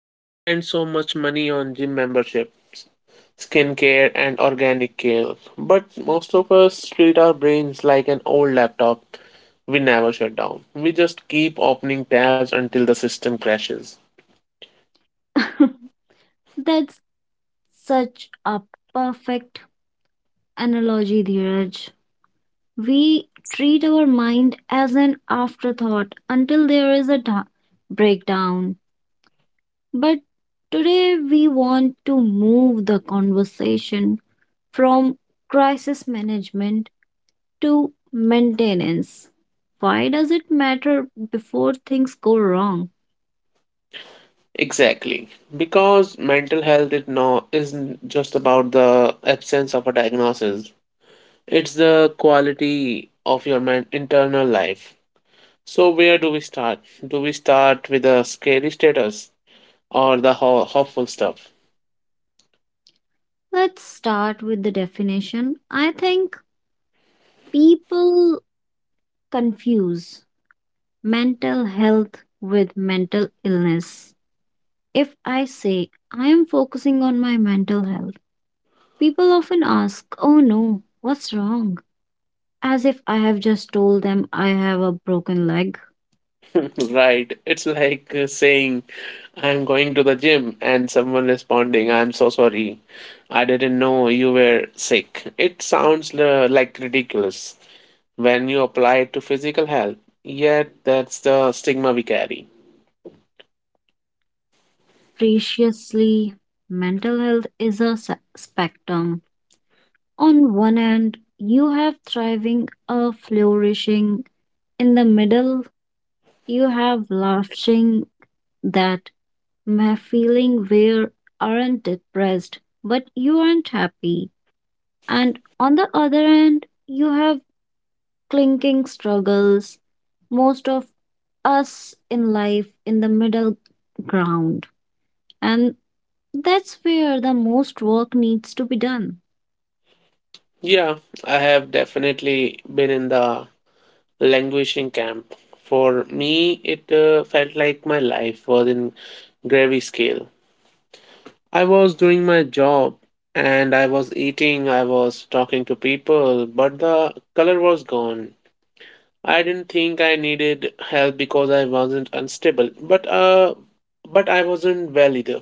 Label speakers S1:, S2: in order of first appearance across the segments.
S1: We spend so much money on gym memberships, skincare, and organic care, but most of us treat our brains like an old laptop. We never shut down. We just keep opening tabs until the system crashes.
S2: That's such a perfect analogy, Dheeraj. We treat our mind as an afterthought until there is a breakdown. But today we want to move the conversation from crisis management to maintenance. Why does it matter before things go wrong?
S1: Exactly. Because mental health it' no isn't just about the absence of a diagnosis. It's the quality of your internal life. So, where do we start? Do we start with the scary status or the hopeful stuff?
S2: Let's start with the definition. I think people confuse mental health with mental illness. If I say I am focusing on my mental health, people often ask, "Oh no, what's wrong?" As if I have just told them I have a broken leg.
S1: Right, it's like saying, I'm going to the gym, and someone responding, I'm so sorry, I didn't know you were sick. It sounds like ridiculous when you apply it to physical health, yet that's the stigma we carry.
S2: Preciously, mental health is a spectrum. On one end, you have thriving or flourishing. In the middle, you have laughing that my feeling where aren't depressed, but you aren't happy. And on the other end, you have clinking struggles, most of us in life in the middle ground. And that's where the most work needs to be done.
S1: Yeah, I have definitely been in the languishing camp. For me, it felt like my life was in gravy scale. I was doing my job and I was eating, I was talking to people, but the color was gone. I didn't think I needed help because I wasn't unstable, but I wasn't well either.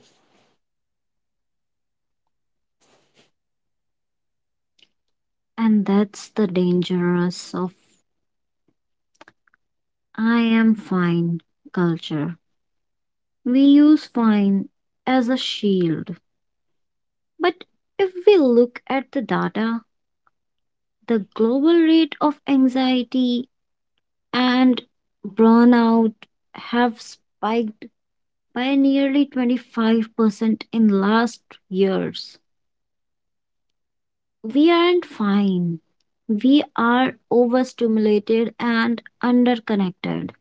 S2: And that's the dangerous of I am fine culture. We use fine as a shield. But if we look at the data, the global rate of anxiety and burnout have spiked by nearly 25% in last years. We aren't fine. We are overstimulated and underconnected.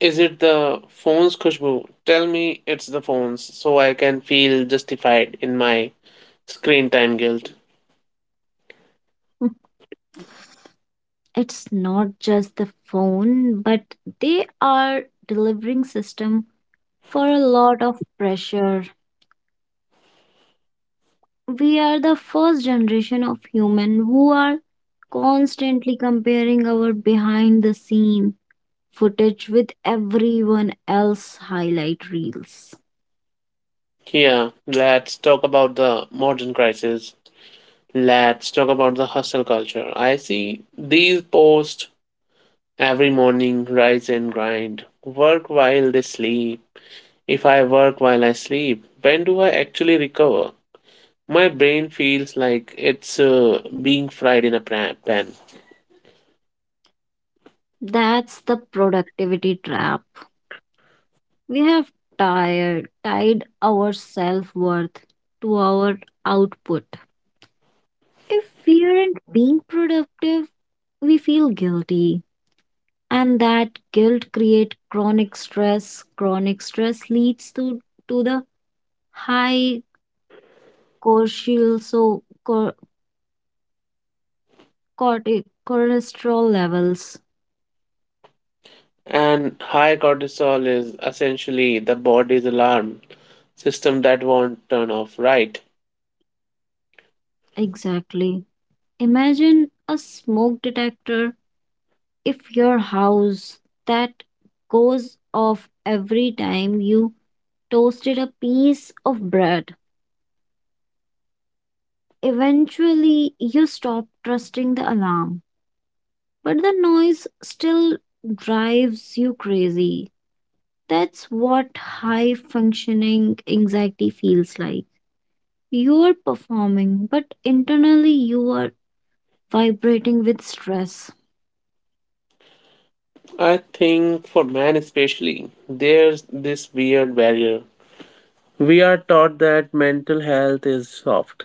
S1: Is it the phones, Khushbu? Tell me it's the phones so I can feel justified in my screen time guilt.
S2: It's not just the phone, but they are delivering system for a lot of pressure. We are the first generation of human who are constantly comparing our behind the scene footage with everyone else highlight reels.
S1: Yeah, let's talk about the modern crisis. Let's talk about the hustle culture. I see these posts every morning rise and grind, work while they sleep. If I work while I sleep, when do I actually recover? My brain feels like it's being fried in a pan.
S2: That's the productivity trap. We have tied our self worth to our output. If we aren't being productive, we feel guilty. And that guilt creates chronic stress. Chronic stress leads to the high cortisol, so cholesterol levels.
S1: And high cortisol is essentially the body's alarm system that won't turn off, right.
S2: Exactly. Imagine a smoke detector if your house that goes off every time you toasted a piece of bread. Eventually, you stop trusting the alarm, but the noise still drives you crazy. That's what high functioning anxiety feels like. You are performing, but internally you are vibrating with stress.
S1: I think for men especially, there's this weird barrier. We are taught that mental health is soft,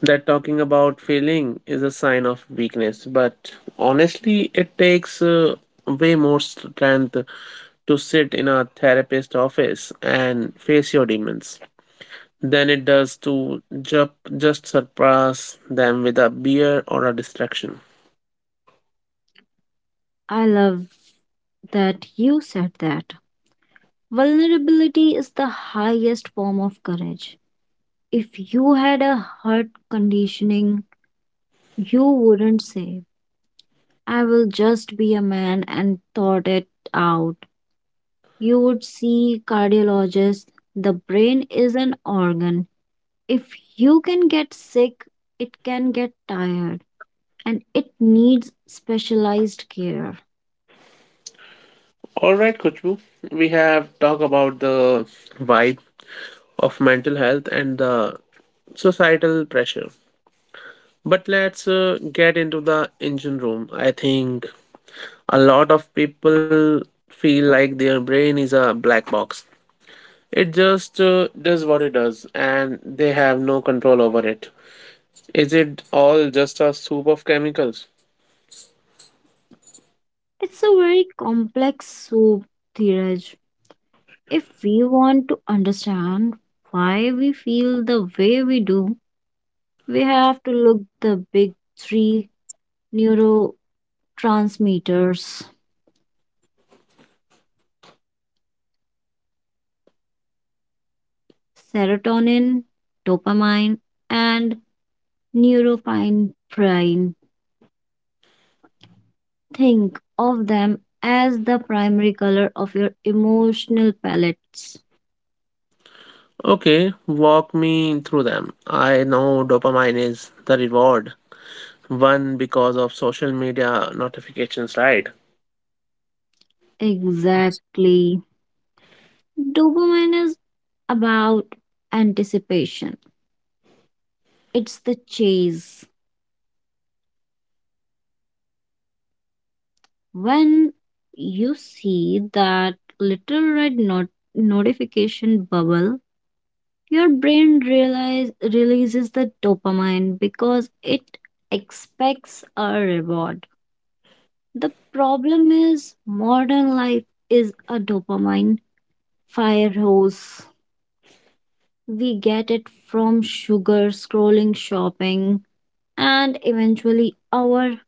S1: that talking about feeling is a sign of weakness, but honestly, it takes way more strength to sit in a therapist's office and face your demons than it does to just surpass them with a beer or a distraction.
S2: I love that you said that. Vulnerability is the highest form of courage. If you had a heart conditioning, you wouldn't say, "I will just be a man and thought it out." You would see cardiologists. The brain is an organ. If you can get sick, it can get tired and it needs specialized care.
S1: All right, Kuchbu, we have talked about the vibe of mental health and the societal pressure. But let's get into the engine room. I think a lot of people feel like their brain is a black box. It just does what it does and they have no control over it. Is it all just a soup of chemicals?
S2: It's a very complex soup, Dheeraj. If we want to understand why we feel the way we do, we have to look the big three neurotransmitters: serotonin, dopamine, and norepinephrine. Think of them as the primary color of your emotional palettes.
S1: Okay, walk me through them. I know dopamine is the reward, one because of social media notifications, right?
S2: Exactly. Dopamine is about anticipation. It's the chase. When you see that little red notification bubble, your releases the dopamine because it expects a reward. The problem is, modern life is a dopamine fire hose. We get it from sugar, scrolling, shopping, and eventually our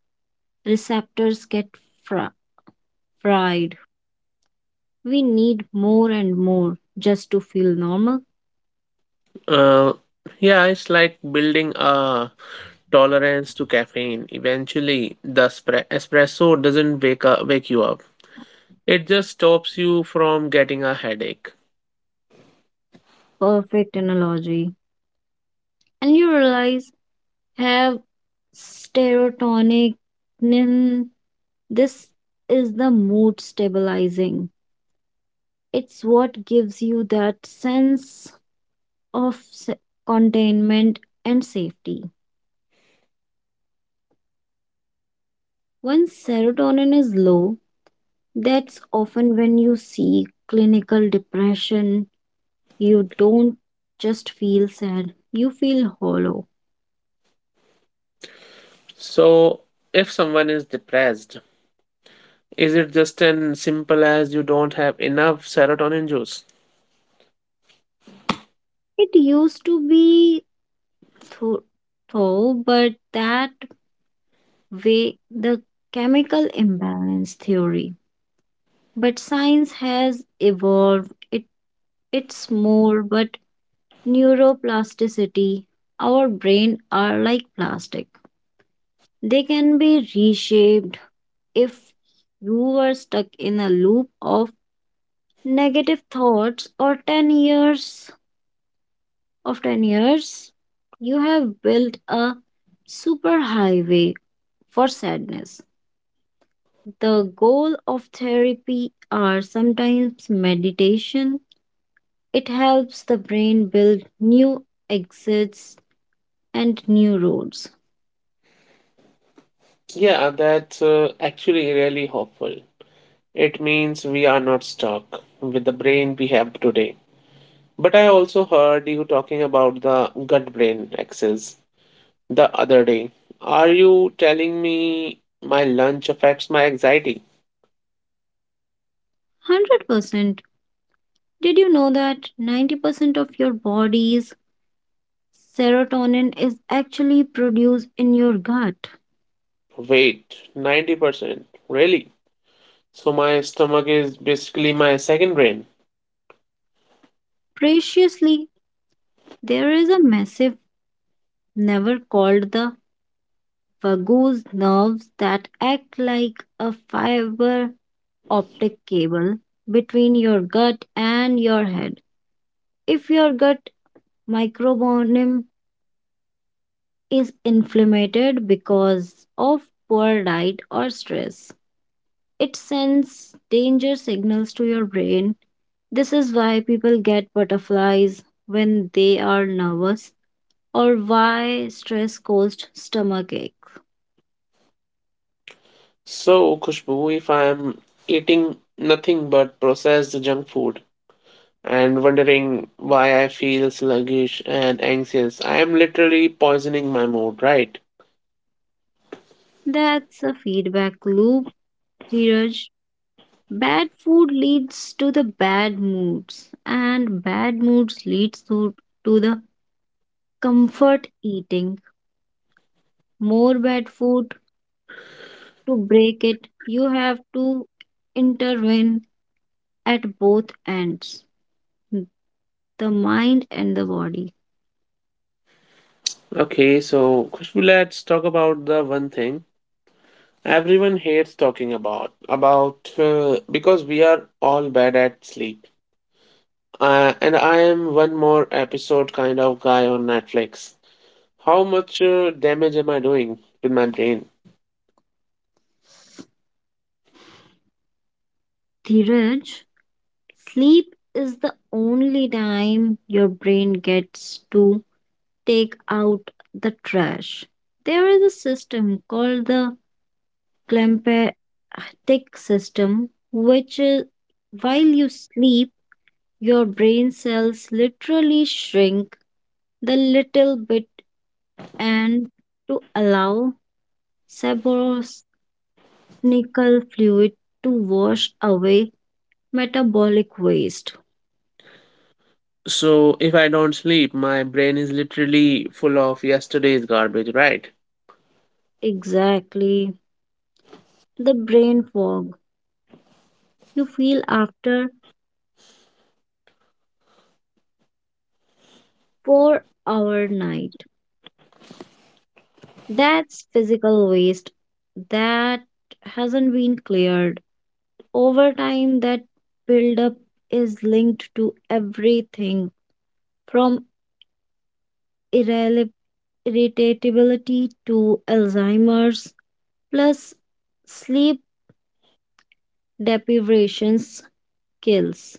S2: receptors get fri- fried. We need more and more just to feel normal.
S1: Uh, yeah, it's like building a tolerance to caffeine. Eventually, the espresso doesn't wake you up. It just stops you from getting a headache.
S2: Perfect analogy. And you realize have serotonin. This is the mood stabilizing. It's what gives you that sense of containment and safety. When serotonin is low, that's often when you see clinical depression. You don't just feel sad, you feel hollow.
S1: So, if someone is depressed, is it just as simple as you don't have enough serotonin juice?
S2: It used to be tho- though, but that way the chemical imbalance theory. But science has evolved. It's more but neuroplasticity. Our brain are like plastic. They can be reshaped if you were stuck in a loop of negative thoughts or 10 years, you have built a superhighway for sadness. The goal of therapy are sometimes meditation. It helps the brain build new exits and new roads.
S1: Yeah, that's actually really hopeful. It means we are not stuck with the brain we have today. But I also heard you talking about the gut brain axis the other day. Are you telling me my lunch affects my anxiety?
S2: 100%. Did you know that 90% of your body's serotonin is actually produced in your gut?
S1: Wait, 90%. Really? So my stomach is basically my second brain.
S2: Preciously, there is a massive never called the Virgo's nerves that act like a fiber optic cable between your gut and your head. If your gut microbiome is inflamed because of poor diet or stress, it sends danger signals to your brain. This is why people get butterflies when they are nervous or why stress caused stomach ache.
S1: So, Khushbu, if I am eating nothing but processed junk food and wondering why I feel sluggish and anxious, I am literally poisoning my mood, right?
S2: That's a feedback loop, Dheeraj. Bad food leads to the bad moods, and bad moods to the comfort eating. More bad food to break it, you have to intervene at both ends, the mind and the body.
S1: Okay, so Khushbu, let's talk about the one thing everyone hates talking about because we are all bad at sleep and I am one more episode kind of guy on Netflix. How much damage am I doing with my brain?
S2: Dheeraj, sleep is the only time your brain gets to take out the trash. There is a system called the glymphatic system, which is while you sleep, your brain cells literally shrink the little bit and to allow saborosnical fluid to wash away metabolic waste.
S1: So if I don't sleep, my brain is literally full of yesterday's garbage, right.
S2: Exactly. The brain fog you feel after 4-hour night. That's physical waste that hasn't been cleared. Over time, that buildup is linked to everything from irreli- irritability to Alzheimer's, plus sleep deprivation kills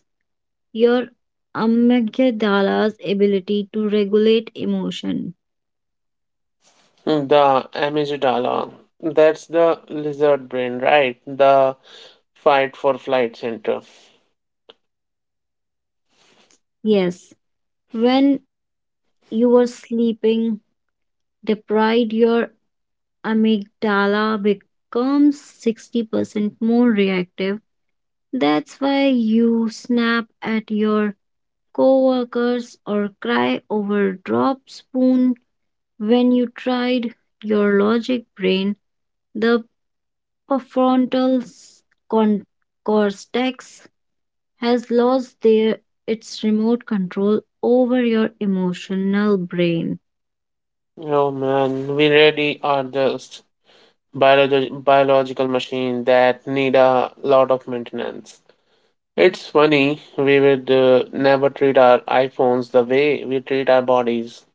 S2: your amygdala's ability to regulate emotion.
S1: The amygdala, that's the lizard brain, right, the fight for flight center.
S2: Yes, when you are sleeping deprived, your amygdala becomes 60% more reactive. That's why you snap at your coworkers or cry over drop spoon when you tried your logic brain. The prefrontal s- con- cortex has lost their its remote control over your emotional brain.
S1: Oh man, we really are just biological machine that need a lot of maintenance. It's funny, we would never treat our iPhones the way we treat our bodies.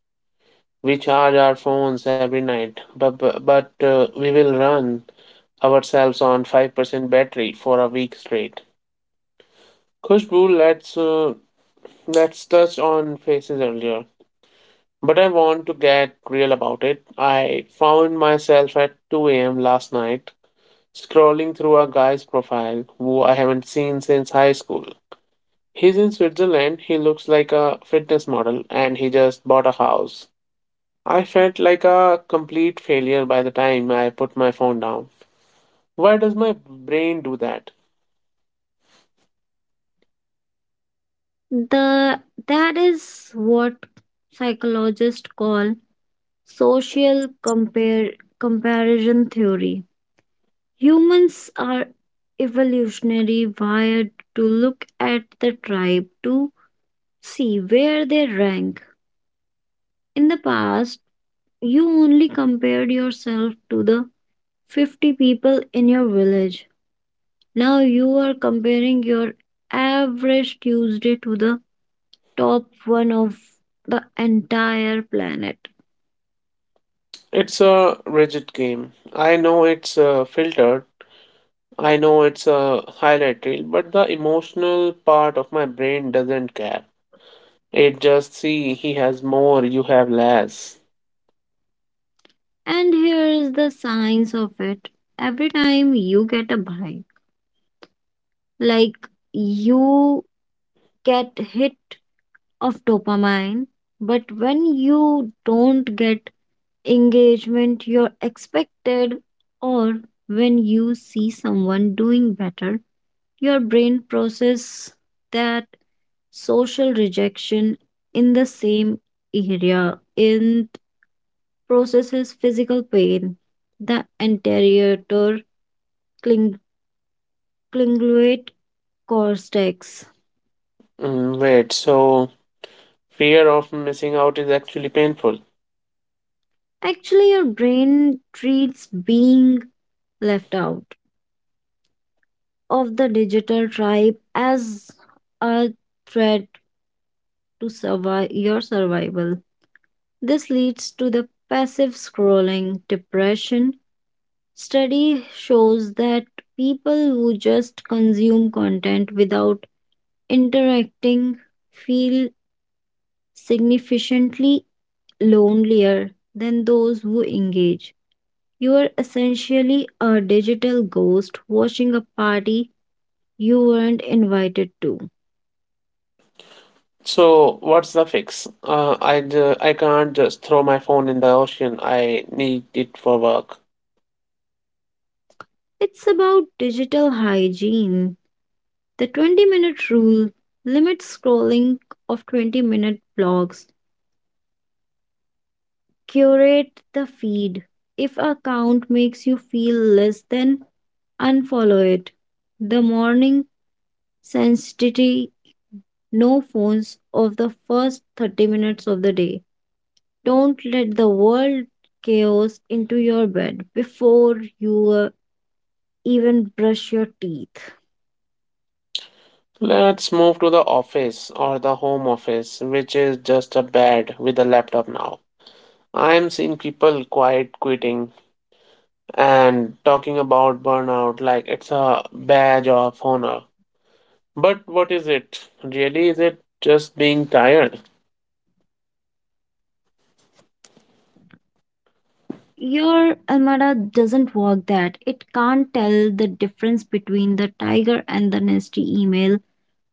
S1: We charge our phones every night, but we will run ourselves on 5% battery for a week straight. Kushbu, let's touch on faces earlier. But I want to get real about it. I found myself at 2 a.m. last night scrolling through a guy's profile who I haven't seen since high school. He's in Switzerland, he looks like a fitness model, and he just bought a house. I felt like a complete failure by the time I put my phone down. Why does my brain do that?
S2: The That is what psychologists call social compare comparison theory. Humans are evolutionary wired to look at the tribe to see where they rank. In the past, you only compared yourself to the 50 people in your village. Now you are comparing your average Tuesday to the top one of the entire planet.
S1: It's a rigid game. I know it's filtered, I know it's a highlight reel, but the emotional part of my brain doesn't care. It just see he has more, you have less.
S2: And here is the science of it. Every time you get a bite, like you get hit of dopamine, but when you don't get engagement you're expected, or when you see someone doing better, your brain process that social rejection in the same area and processes physical pain, the anterior cling- cingulate cortex.
S1: Mm, wait, so fear of missing out is actually painful.
S2: Actually, your brain treats being left out of the digital tribe as a threat to survive your survival. This leads to the passive scrolling depression. Study shows that people who just consume content without interacting feel significantly lonelier than those who engage. You are essentially a digital ghost watching a party you weren't invited to.
S1: So, what's the fix? I can't just throw my phone in the ocean. I need it for work.
S2: It's about digital hygiene. The 20-minute rule, limit scrolling of 20-minute blogs, curate the feed. If a account makes you feel less than, unfollow it. The morning sensitivity, no phones of the first 30 minutes of the day. Don't let the world chaos into your bed before you even brush your teeth.
S1: Let's move to the office or the home office, which is just a bed with a laptop now. I'm seeing people quiet quitting and talking about burnout like it's a badge of honor. But what is it? Really, is it just being tired?
S2: Your Almada doesn't work that. It can't tell the difference between the tiger and the nasty email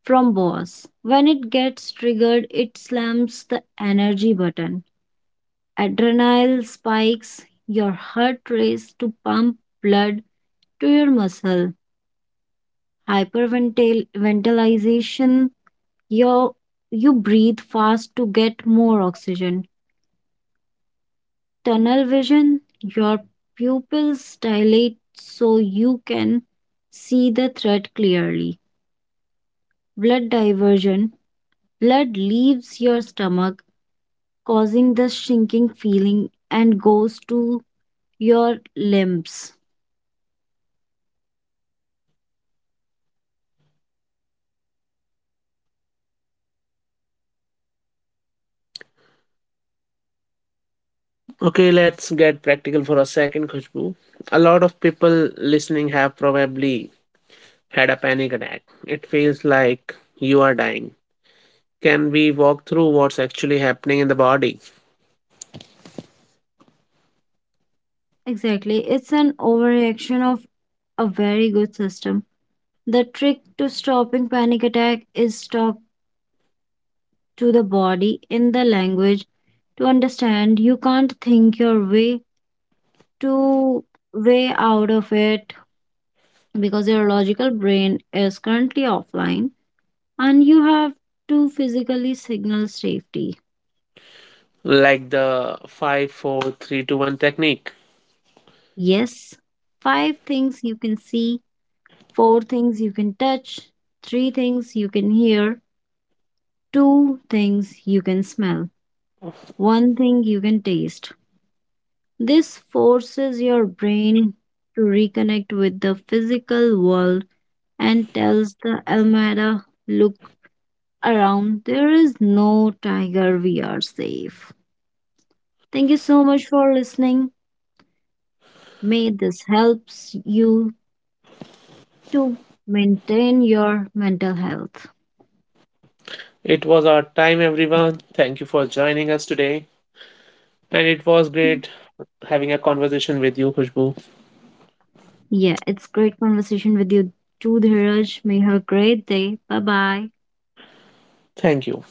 S2: from boss. When it gets triggered, it slams the energy button. Adrenaline spikes, your heart races to pump blood to your muscle. Hyperventilation, your you breathe fast to get more oxygen. Tunnel vision, your pupils dilate so you can see the threat clearly. Blood diversion, blood leaves your stomach, causing the shrinking feeling and goes to your limbs.
S1: Okay, let's get practical for a second, Khushbu. A lot of people listening have probably had a panic attack. It feels like you are dying. Can we walk through what's actually happening in the body?
S2: Exactly, it's an overreaction of a very good system. The trick to stopping panic attack is talk to the body in the language to understand you can't think your way to way out of it because your logical brain is currently offline and you have to physically signal safety.
S1: Like the five, four, three, two, one technique.
S2: Yes, five things you can see, four things you can touch, three things you can hear, two things you can smell, one thing you can taste. This forces your brain to reconnect with the physical world and tells the Almada, look around, there is no tiger. We are safe. Thank you so much for listening. May this helps you to maintain your mental health.
S1: It was our time, everyone. Thank you for joining us today. And it was great having a conversation with you, Khushbu.
S2: Yeah, it's great conversation with you too, Dhiraj. May you have a great day. Bye bye.
S1: Thank you.